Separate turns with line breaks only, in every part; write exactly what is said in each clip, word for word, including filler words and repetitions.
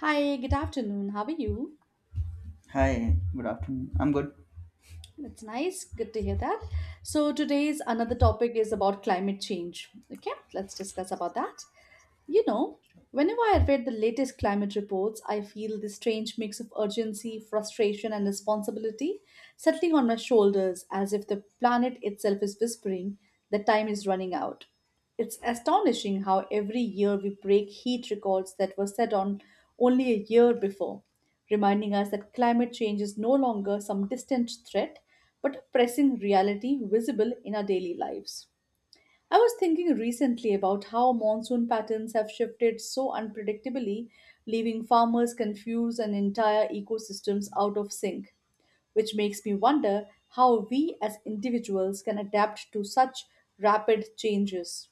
Hi, good afternoon. How are you?
Hi, good afternoon. I'm good.
That's nice. Good to hear that. So today's another topic is about climate change. Okay, let's discuss about that. You know, whenever I read the latest climate reports, I feel this strange mix of urgency, frustration, and responsibility settling on my shoulders as if the planet itself is whispering that time is running out. It's astonishing how every year we break heat records that were set on only a year before, reminding us that climate change is no longer some distant threat but a pressing reality visible in our daily lives. I was thinking recently about how monsoon patterns have shifted so unpredictably, leaving farmers confused and entire ecosystems out of sync, which makes me wonder how we as individuals can adapt to such rapid changes.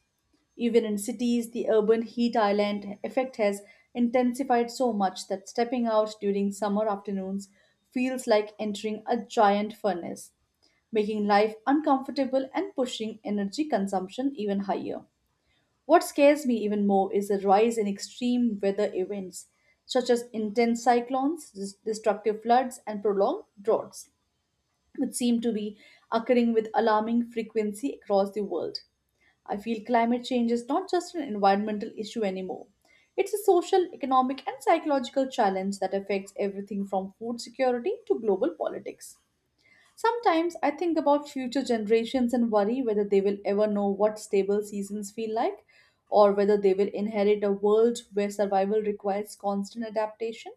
Even in cities, the urban heat island effect has intensified so much that stepping out during summer afternoons feels like entering a giant furnace, making life uncomfortable and pushing energy consumption even higher. What scares me even more is the rise in extreme weather events, such as intense cyclones, dis- destructive floods, and prolonged droughts which seem to be occurring with alarming frequency across the world. I feel climate change is not just an environmental issue anymore. It's a social, economic, and psychological challenge that affects everything from food security to global politics. Sometimes I think about future generations and worry whether they will ever know what stable seasons feel like or whether they will inherit a world where survival requires constant adaptation.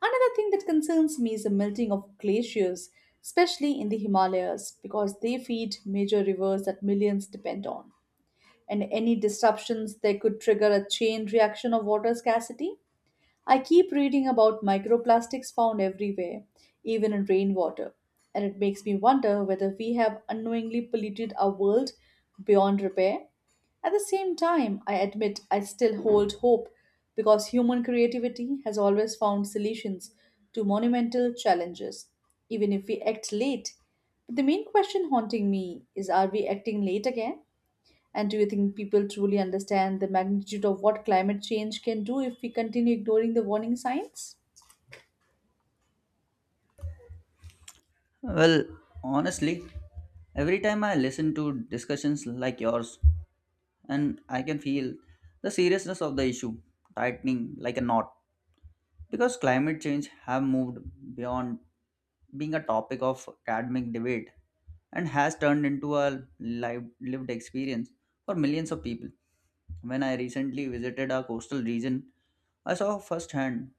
Another thing that concerns me is the melting of glaciers, especially in the Himalayas, because they feed major rivers that millions depend on. And any disruptions there could trigger a chain reaction of water scarcity. I keep reading about microplastics found everywhere, even in rainwater, and it makes me wonder whether we have unknowingly polluted our world beyond repair. At the same time, I admit I still hold hope because human creativity has always found solutions to monumental challenges, even if we act late. But the main question haunting me is, are we acting late again? And do you think people truly understand the magnitude of what climate change can do if we continue ignoring the warning signs?
Well, honestly, every time I listen to discussions like yours, and I can feel the seriousness of the issue tightening like a knot. Because climate change have moved beyond being a topic of academic debate and has turned into a live, lived experience for millions of people. When I recently visited a coastal region, I saw firsthand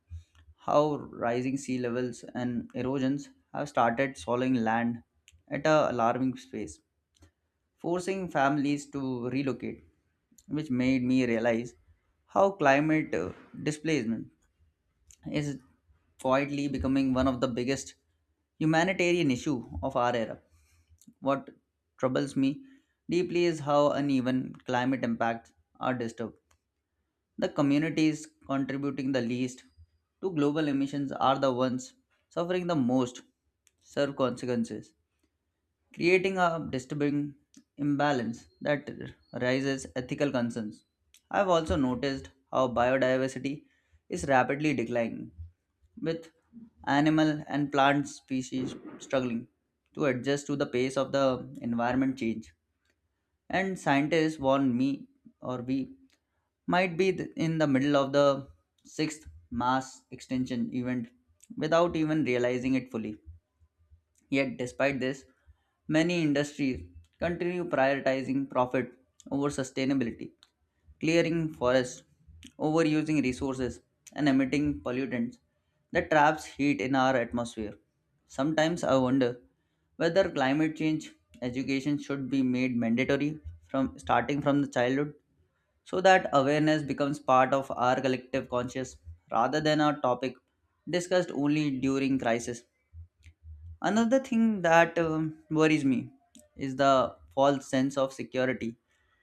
how rising sea levels and erosions have started swallowing land at an alarming pace, forcing families to relocate, which made me realize how climate uh, displacement is quietly becoming one of the biggest humanitarian issue of our era. What troubles me deeply is how uneven climate impacts are disturbed. The communities contributing the least to global emissions are the ones suffering the most severe consequences, creating a disturbing imbalance that raises ethical concerns. I've also noticed how biodiversity is rapidly declining, with animal and plant species struggling to adjust to the pace of the environment change. And scientists warn me or we might be th- in the middle of the sixth mass extinction event without even realizing it fully. Yet, despite this, many industries continue prioritizing profit over sustainability clearing forests, overusing resources, and emitting pollutants that traps heat in our atmosphere. Sometimes I wonder whether climate change education should be made mandatory from starting from the childhood so that awareness becomes part of our collective conscious rather than a topic discussed only during crisis. Another thing that um, worries me is the false sense of security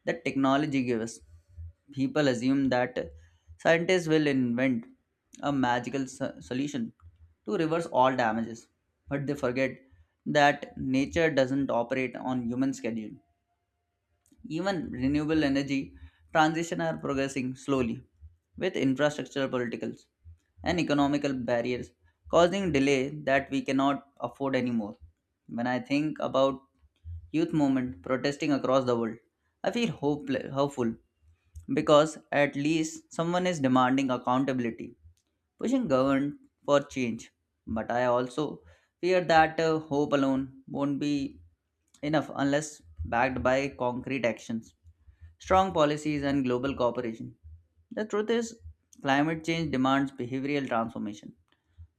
that technology gives us. People assume that scientists will invent a magical so- solution to reverse all damages, but they forget that nature doesn't operate on human schedule. Even renewable energy transition are progressing slowly with infrastructural politicals and economical barriers causing delay that we cannot afford anymore. When I think about youth movement protesting across the world, I feel hope- hopeful because at least someone is demanding accountability, pushing government for change. But I also fear that uh, hope alone won't be enough unless backed by concrete actions, strong policies, and global cooperation. The truth is, climate change demands behavioral transformation,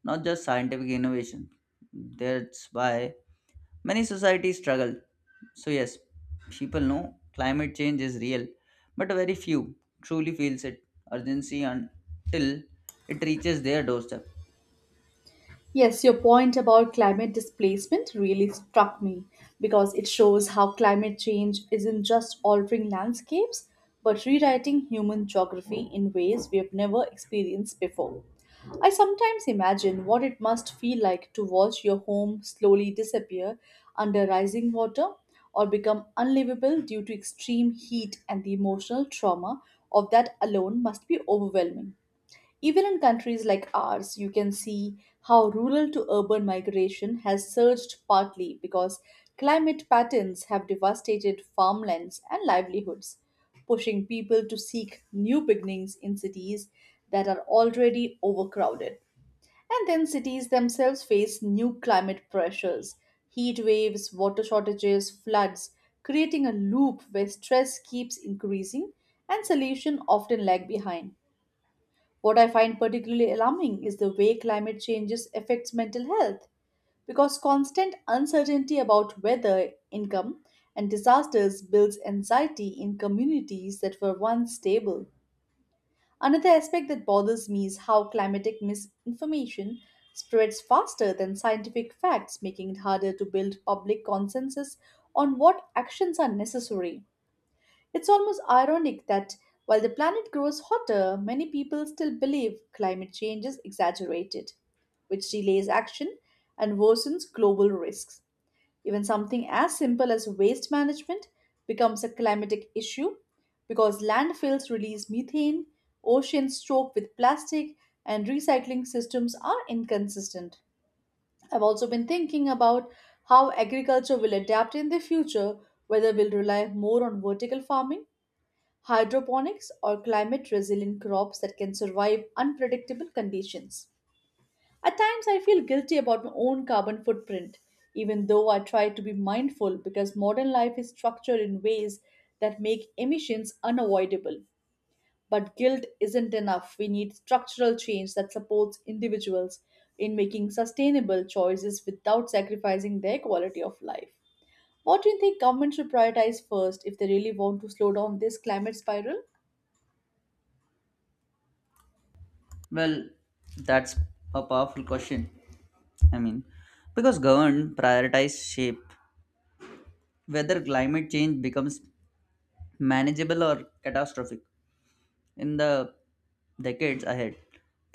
not just scientific innovation. That's why many societies struggle. So, yes, people know climate change is real, but very few truly feels it urgency until it reaches their doorstep.
Yes, your point about climate displacement really struck me because it shows how climate change isn't just altering landscapes but rewriting human geography in ways we have never experienced before. I sometimes imagine what it must feel like to watch your home slowly disappear under rising water or become unlivable due to extreme heat, and the emotional trauma of that alone must be overwhelming. Even in countries like ours, you can see how rural to urban migration has surged partly because climate patterns have devastated farmlands and livelihoods, pushing people to seek new beginnings in cities that are already overcrowded. And then cities themselves face new climate pressures: heat waves, water shortages, floods, creating a loop where stress keeps increasing and solutions often lag behind. What I find particularly alarming is the way climate changes affects mental health because constant uncertainty about weather, income, and disasters builds anxiety in communities that were once stable. Another aspect that bothers me is how climatic misinformation spreads faster than scientific facts, making it harder to build public consensus on what actions are necessary. It's almost ironic that while the planet grows hotter, many people still believe climate change is exaggerated, which delays action and worsens global risks. Even something as simple as waste management becomes a climatic issue because landfills release methane, oceans choke with plastic, and recycling systems are inconsistent. I've also been thinking about how agriculture will adapt in the future, whether we'll rely more on vertical farming, hydroponics, or climate resilient crops that can survive unpredictable conditions. At times, I feel guilty about my own carbon footprint, even though I try to be mindful, because modern life is structured in ways that make emissions unavoidable. But guilt isn't enough. We need structural change that supports individuals in making sustainable choices without sacrificing their quality of life. What do you think government should prioritize first if they really want to slow down this climate spiral?
Well, that's a powerful question. I mean, because government prioritize shape whether climate change becomes manageable or catastrophic in the decades ahead.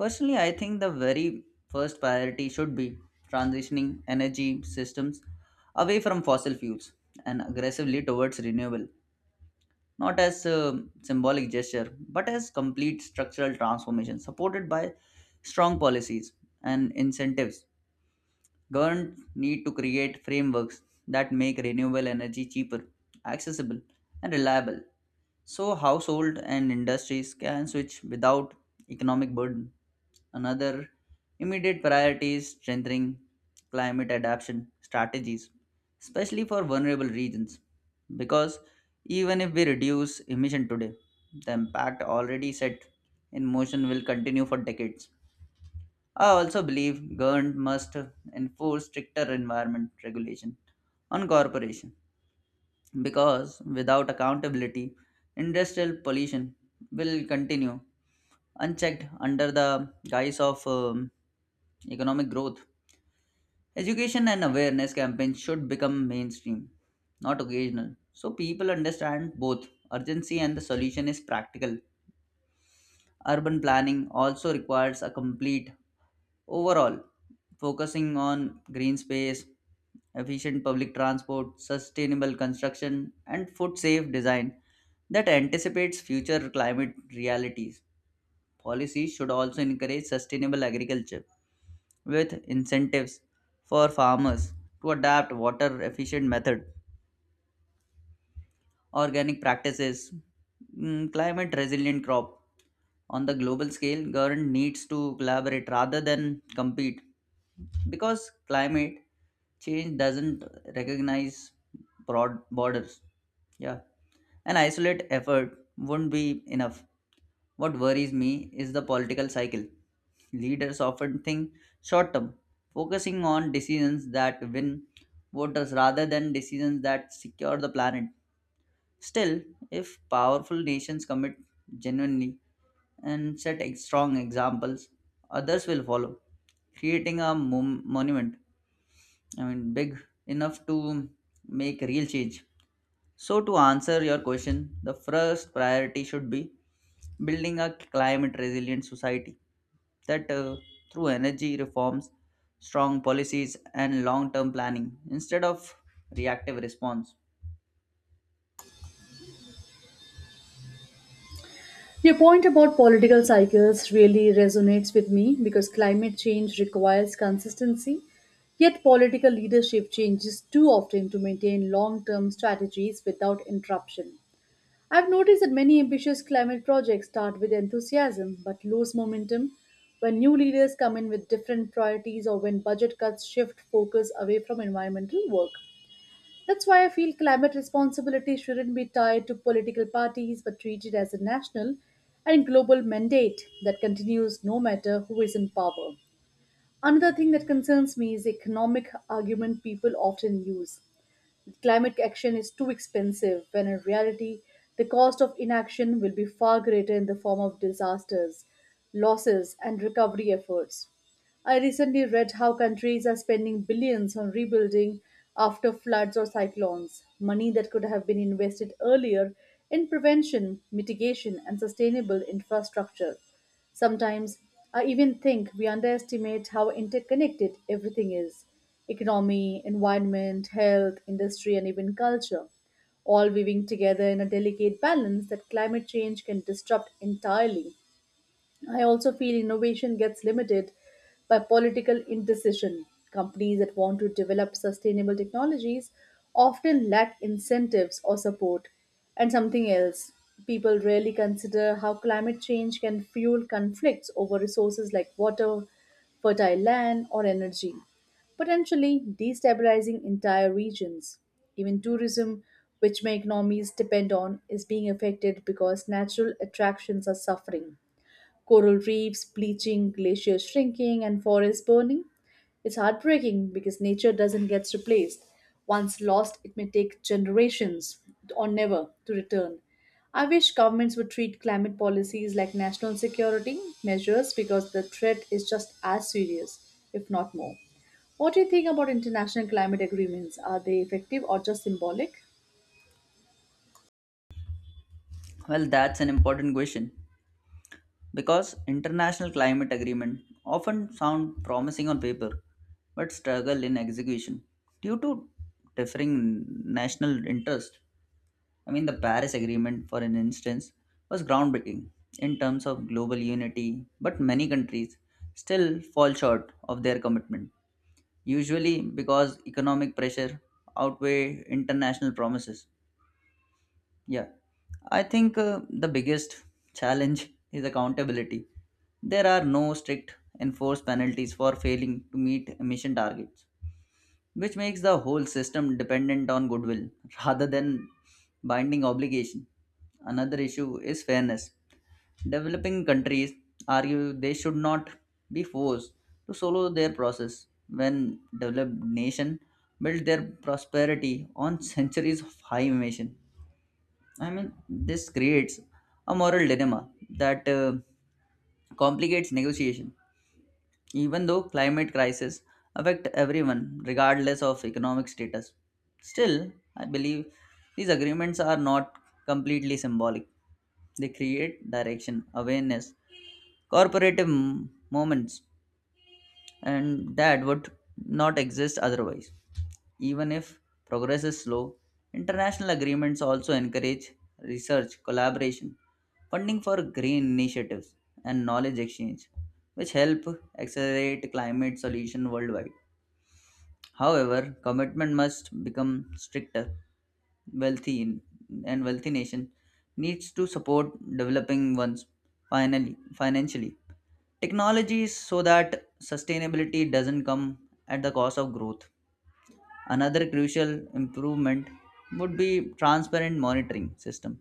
Personally, I think the very first priority should be transitioning energy systems away from fossil fuels and aggressively towards renewable, not as a symbolic gesture, but as complete structural transformation supported by strong policies and incentives. Governments need to create frameworks that make renewable energy cheaper, accessible, and reliable so households and industries can switch without economic burden. Another immediate priority is strengthening climate adaptation strategies, especially for vulnerable regions, because even if we reduce emission today, the impact already set in motion will continue for decades. I also believe government must enforce stricter environment regulation on corporation because without accountability, industrial pollution will continue unchecked under the guise of um, economic growth. Education and awareness campaigns should become mainstream, not occasional, so people understand both urgency and the solution is practical. Urban planning also requires a complete overall, focusing on green space, efficient public transport, sustainable construction, and food safe design that anticipates future climate realities. Policies should also encourage sustainable agriculture with incentives for farmers to adapt water efficient methods organic practices, mm, climate resilient crop. On the global scale, government needs to collaborate rather than compete because climate change doesn't recognize broad borders. Yeah, an isolate effort wouldn't be enough. What worries me is the political cycle. Leaders often think short term, focusing on decisions that win voters rather than decisions that secure the planet. Still, if powerful nations commit genuinely and set ex- strong examples, others will follow, creating a mom- monument. I mean, big enough to make real change. So, to answer your question, the first priority should be building a climate resilient society that uh, through energy reforms, strong policies, and long term planning instead of reactive response.
Your point about political cycles really resonates with me because climate change requires consistency, yet political leadership changes too often to maintain long term strategies without interruption. I've noticed that many ambitious climate projects start with enthusiasm but lose momentum when new leaders come in with different priorities or when budget cuts shift focus away from environmental work. That's why I feel climate responsibility shouldn't be tied to political parties but treated as a national and global mandate that continues no matter who is in power. Another thing that concerns me is the economic argument people often use. Climate action is too expensive, when in reality, the cost of inaction will be far greater in the form of disasters, losses, and recovery efforts. I recently read how countries are spending billions on rebuilding after floods or cyclones, money that could have been invested earlier in prevention, mitigation, and sustainable infrastructure. Sometimes I even think we underestimate how interconnected everything is: economy, environment, health, industry, and even culture, all weaving together in a delicate balance that climate change can disrupt entirely. I also feel innovation gets limited by political indecision. Companies that want to develop sustainable technologies often lack incentives or support. And something else, people rarely consider how climate change can fuel conflicts over resources like water, fertile land, or energy, potentially destabilizing entire regions. Even tourism, which my economies depend on, is being affected because natural attractions are suffering: coral reefs bleaching, glaciers shrinking, and forests burning. It's heartbreaking because nature doesn't get replaced. Once lost, it may take generations or never to return. I wish governments would treat climate policies like national security measures because the threat is just as serious, if not more. What do you think about international climate agreements? Are they effective or just symbolic?
Well, that's an important question. Because international climate agreements often sound promising on paper but struggle in execution due to differing national interests. I mean, the Paris Agreement, for an instance, was groundbreaking in terms of global unity, but many countries still fall short of their commitment, usually because economic pressure outweigh international promises. Yeah, I think uh, the biggest challenge is accountability. There are no strict enforced penalties for failing to meet emission targets, which makes the whole system dependent on goodwill rather than binding obligation. Another issue is fairness. Developing countries argue they should not be forced to follow their process when developed nations build their prosperity on centuries of high emission. I mean, this creates a moral dilemma that uh, complicates negotiation. Even though climate crises affect everyone regardless of economic status, still, I believe these agreements are not completely symbolic. They create direction, awareness, corporative m- moments, and that would not exist otherwise. Even if progress is slow, international agreements also encourage research, collaboration, funding for green initiatives, and knowledge exchange, which help accelerate climate solution worldwide. However, commitment must become stricter. Wealthy and wealthy nation needs to support developing ones finally financially technologies so that sustainability doesn't come at the cost of growth. Another crucial improvement would be transparent monitoring system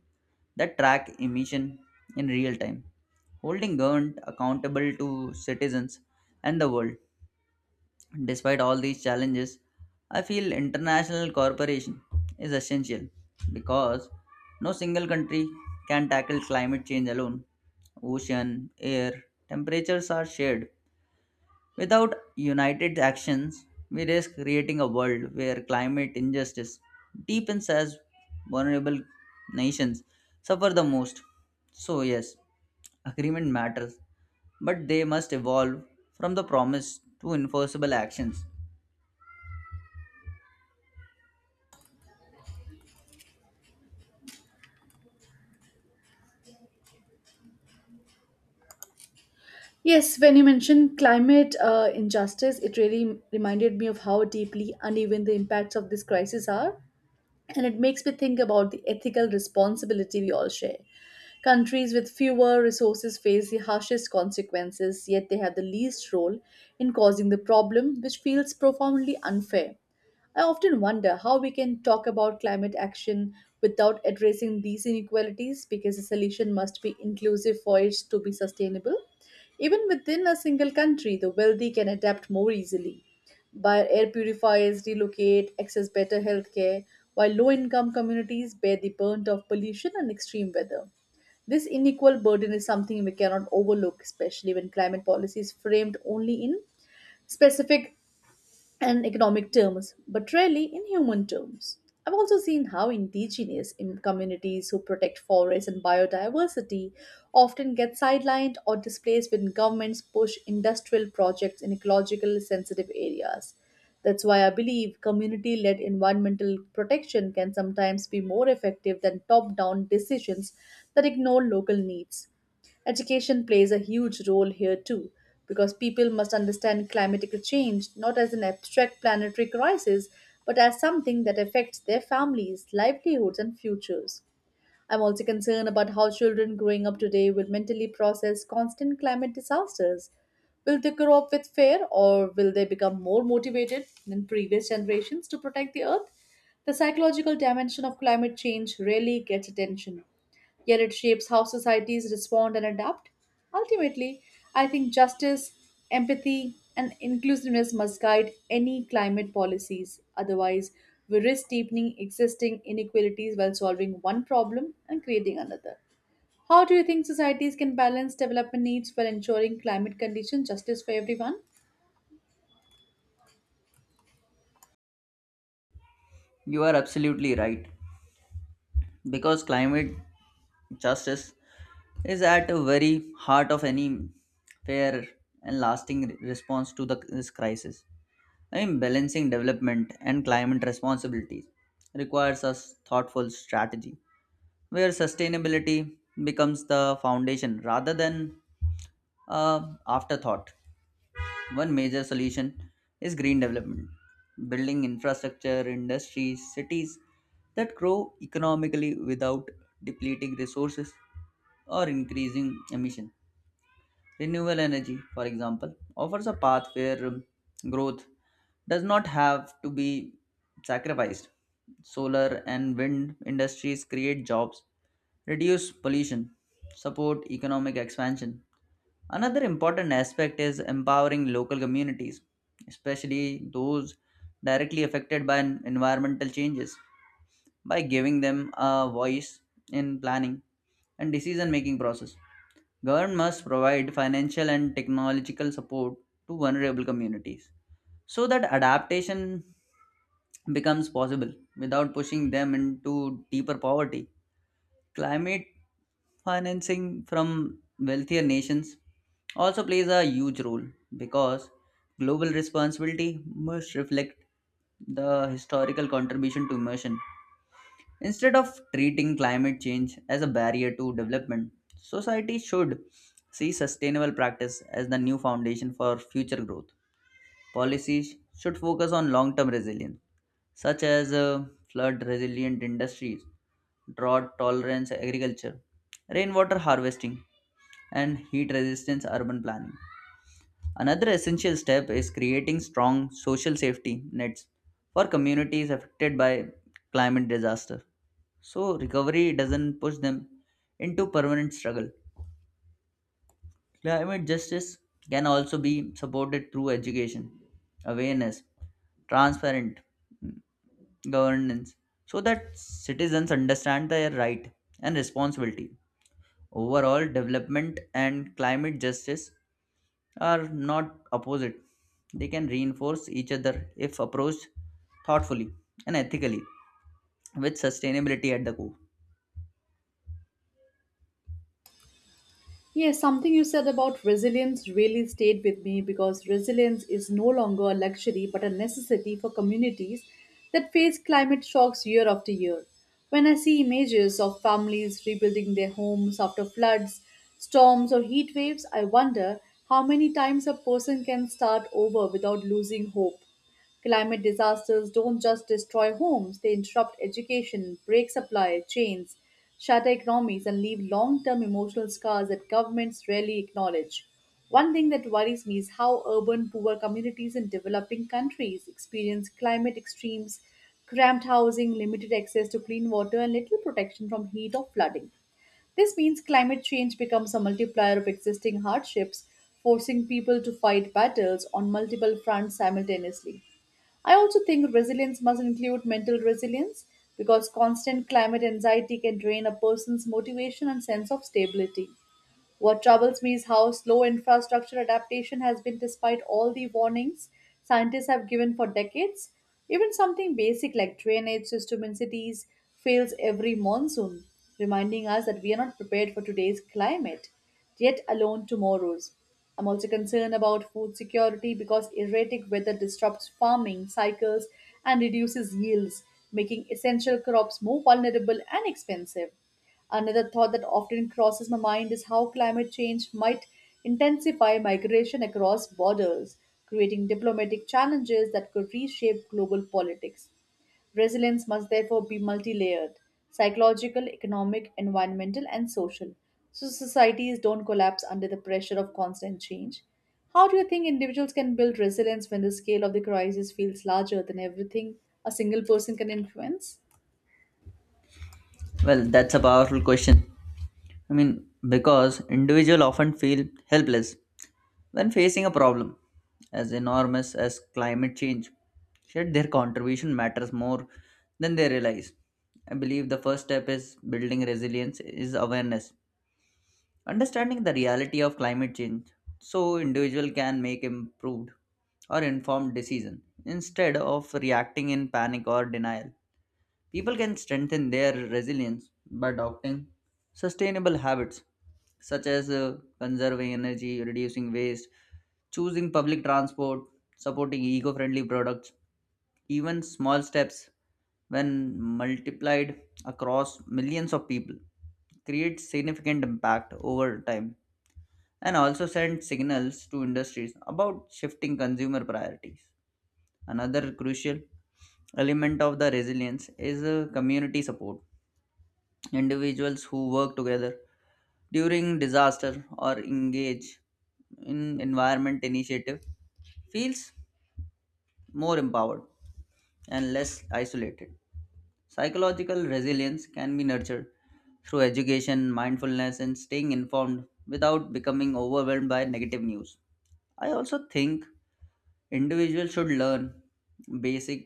that track emission in real time, holding government accountable to citizens and the world. Despite all these challenges, I feel international cooperation is essential because no single country can tackle climate change alone. Ocean, air, temperatures are shared. Without united actions, we risk creating a world where climate injustice deepens as vulnerable nations suffer the most. So, yes, agreement matters, but they must evolve from the promise to enforceable actions.
Yes, when you mentioned climate uh, injustice, it really reminded me of how deeply uneven the impacts of this crisis are, and it makes me think about the ethical responsibility we all share. Countries with fewer resources face the harshest consequences, yet they have the least role in causing the problem, which feels profoundly unfair. I often wonder how we can talk about climate action without addressing these inequalities because the solution must be inclusive for it to be sustainable. Even within a single country, the wealthy can adapt more easily, buy air purifiers, relocate, access better healthcare, while low income communities bear the burnt of pollution and extreme weather. This unequal burden is something we cannot overlook, especially when climate policy is framed only in specific and economic terms, but rarely in human terms. I've also seen how indigenous in communities who protect forests and biodiversity often get sidelined or displaced when governments push industrial projects in ecological sensitive areas. That's why I believe community led environmental protection can sometimes be more effective than top down decisions that ignore local needs. Education plays a huge role here too, because people must understand climatic change not as an abstract planetary crisis, but as something that affects their families, livelihoods, and futures. I'm also concerned about how children growing up today will mentally process constant climate disasters. Will they grow up with fear, or will they become more motivated than previous generations to protect the earth? The psychological dimension of climate change rarely gets attention, yet it shapes how societies respond and adapt. Ultimately, I think justice, empathy, and inclusiveness must guide any climate policies. Otherwise, we risk deepening existing inequalities while solving one problem and creating another. How do you think societies can balance development needs while ensuring climate condition justice for everyone?
You are absolutely right, because climate justice is at the very heart of any fair and lasting response to the, this crisis. In balancing development and climate responsibilities requires a thoughtful strategy where sustainability becomes the foundation rather than a afterthought. One major solution is green development, building infrastructure, industries, cities that grow economically without depleting resources or increasing emission. Renewable energy, for example, offers a path where um, growth does not have to be sacrificed. Solar and wind industries create jobs, reduce pollution, support economic expansion. Another important aspect is empowering local communities, especially those directly affected by en- environmental changes, by giving them a voice in planning and decision making process. Government must provide financial and technological support to vulnerable communities so that adaptation becomes possible without pushing them into deeper poverty. Climate financing from wealthier nations also plays a huge role because global responsibility must reflect the historical contribution to immersion. Instead of treating climate change as a barrier to development, society should see sustainable practice as the new foundation for future growth. Policies should focus on long term resilience, such as uh, flood resilient industries, drought tolerance agriculture, rainwater harvesting, and heat resistance urban planning. Another essential step is creating strong social safety nets for communities affected by climate disaster so recovery doesn't push them into permanent struggle. Climate justice can also be supported through education, awareness, transparent governance, so that citizens understand their right and responsibility. Overall, development and climate justice are not opposite. They can reinforce each other if approached thoughtfully and ethically, with sustainability at the core.
Yes, something you said about resilience really stayed with me because resilience is no longer a luxury but a necessity for communities that face climate shocks year after year. When I see images of families rebuilding their homes after floods, storms, or heat waves, I wonder how many times a person can start over without losing hope. Climate disasters don't just destroy homes, they interrupt education, break supply chains, shatter economies, and leave long term emotional scars that governments rarely acknowledge. One thing that worries me is how urban poor communities in developing countries experience climate extremes: cramped housing, limited access to clean water, and little protection from heat or flooding. This means climate change becomes a multiplier of existing hardships, forcing people to fight battles on multiple fronts simultaneously. I also think resilience must include mental resilience because constant climate anxiety can drain a person's motivation and sense of stability. What troubles me is how slow infrastructure adaptation has been despite all the warnings scientists have given for decades. Even something basic like drainage system in cities fails every monsoon, reminding us that we are not prepared for today's climate, yet alone tomorrow's. I'm also concerned about food security because erratic weather disrupts farming cycles and reduces yields, making essential crops more vulnerable and expensive. Another thought that often crosses my mind is how climate change might intensify migration across borders, creating diplomatic challenges that could reshape global politics. Resilience must therefore be multi layered: psychological, economic, environmental, and social, so societies don't collapse under the pressure of constant change. How do you think individuals can build resilience when the scale of the crisis feels larger than everything a single person can influence?
Well, that's a powerful question. I mean, because individuals often feel helpless when facing a problem as enormous as climate change. Yet their contribution matters more than they realize. I believe the first step is building resilience is awareness, understanding the reality of climate change so individual can make improved or informed decision instead of reacting in panic or denial. People can strengthen their resilience by adopting sustainable habits such as uh, conserving energy, reducing waste, choosing public transport, supporting eco friendly products. Even small steps, when multiplied across millions of people, create significant impact over time and also send signals to industries about shifting consumer priorities. Another crucial element of the resilience is uh, community support individuals who work together during disaster or engage in environment initiative feels more empowered and less isolated psychological resilience can be nurtured through education mindfulness and staying informed without becoming overwhelmed by negative news. I also think individuals should learn basic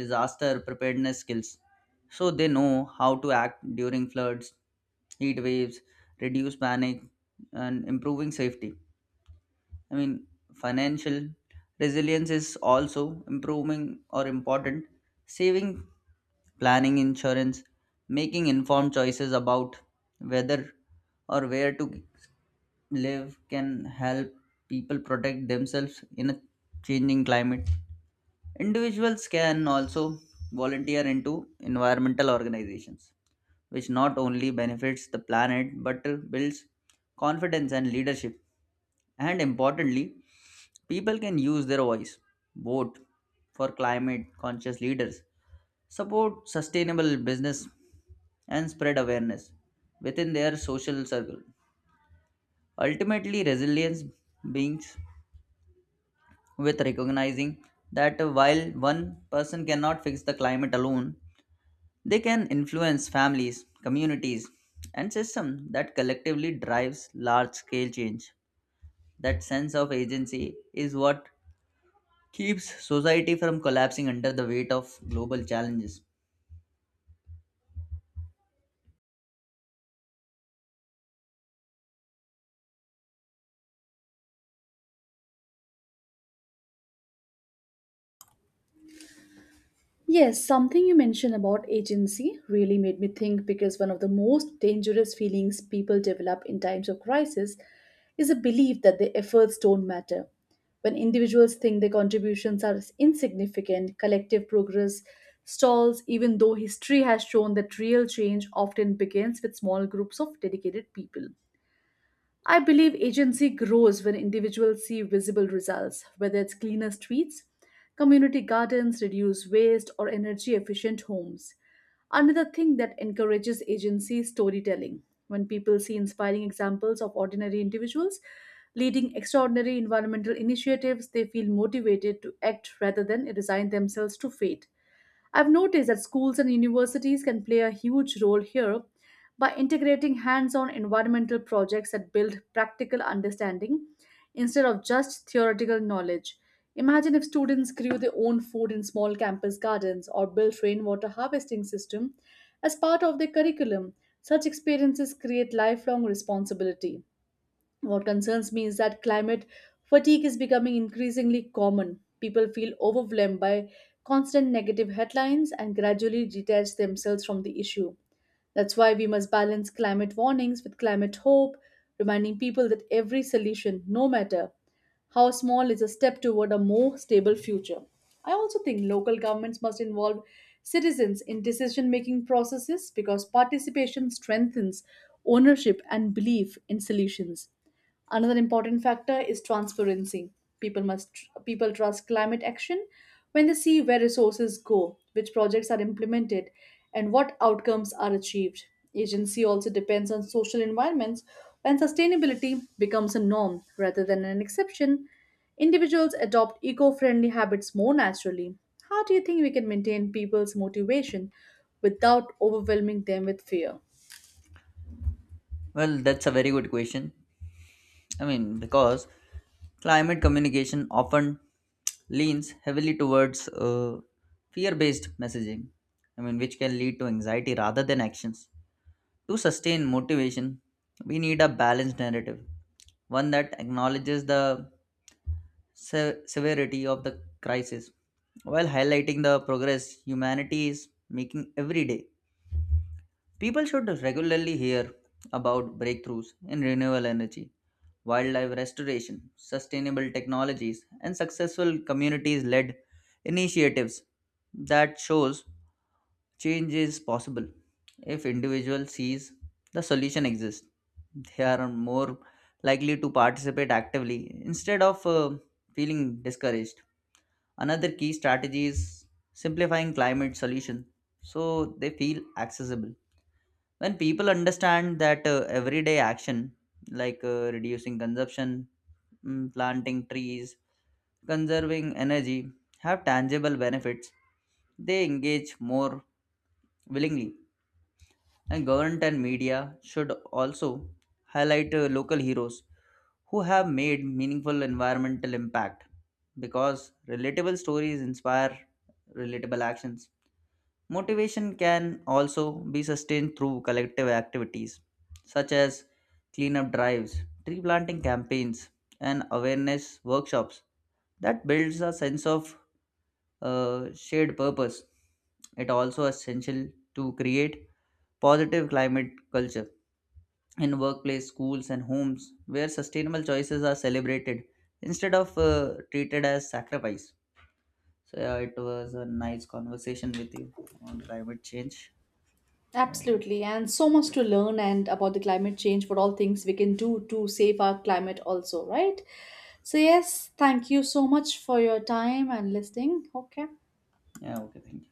disaster preparedness skills so they know how to act during floods, heat waves, reduce panic, and improving safety. I mean, financial resilience is also improving or important. Saving, planning insurance, making informed choices about whether or where to live can help people protect themselves in a changing climate. Individuals can also volunteer into environmental organizations, which not only benefits the planet but builds confidence and leadership. And importantly, people can use their voice, vote for climate conscious leaders, support sustainable business, and spread awareness within their social circle. Ultimately, resilience begins with recognizing that while one person cannot fix the climate alone, they can influence families, communities, and systems that collectively drives large-scale change. That sense of agency is what keeps society from collapsing under the weight of global challenges.
Yes, something you mentioned about agency really made me think because one of the most dangerous feelings people develop in times of crisis is a belief that their efforts don't matter. When individuals think their contributions are insignificant, collective progress stalls, even though history has shown that real change often begins with small groups of dedicated people. I believe agency grows when individuals see visible results, whether it's cleaner streets, community gardens, reduced waste, or energy efficient homes. Another thing that encourages agency is storytelling. When people see inspiring examples of ordinary individuals leading extraordinary environmental initiatives, they feel motivated to act rather than resign themselves to fate. I've noticed that schools and universities can play a huge role here by integrating hands on environmental projects that build practical understanding instead of just theoretical knowledge. Imagine if students grew their own food in small campus gardens or built rainwater harvesting system as part of their curriculum. Such experiences create lifelong responsibility. What concerns me is that climate fatigue is becoming increasingly common. People feel overwhelmed by constant negative headlines and gradually detach themselves from the issue. That's why we must balance climate warnings with climate hope, reminding people that every solution, no matter how small, is a step toward a more stable future. I also think local governments must involve citizens in decision making processes because participation strengthens ownership and belief in solutions. Another important factor is transparency. People must people trust climate action when they see where resources go, which projects are implemented, and what outcomes are achieved. Agency also depends on social environments. When sustainability becomes a norm rather than an exception, individuals adopt eco-friendly habits more naturally. How do you think we can maintain people's motivation without overwhelming them with fear?
Well, that's a very good question. I mean, because climate communication often leans heavily towards uh, fear-based messaging. I mean, which can lead to anxiety rather than actions. To sustain motivation, we need a balanced narrative one that acknowledges the se- severity of the crisis while highlighting the progress humanity is making every day. People should regularly hear about breakthroughs in renewable energy, wildlife restoration, sustainable technologies, and successful communities-led initiatives that shows change is possible if individual sees the solution exists they are more likely to participate actively instead of uh, feeling discouraged. Another key strategy is simplifying climate solution so they feel accessible. When people understand that uh, everyday action like uh, reducing consumption, mm, planting trees, conserving energy have tangible benefits, they engage more willingly. And government and media should also highlight uh, local heroes who have made meaningful environmental impact because relatable stories inspire relatable actions. Motivation can also be sustained through collective activities such as cleanup drives, tree planting campaigns, and awareness workshops that builds a sense of uh, shared purpose. It also essential to create positive climate culture in workplace, schools, and homes where sustainable choices are celebrated instead of uh, treated as sacrifice. So, yeah, it was a nice conversation with you on climate change. Um,
Absolutely, and so much to learn and about the climate change, what all things we can do to save our climate, also, right? So, yes, thank you so much for your time and listening. Okay.
yeah, okay, thank you.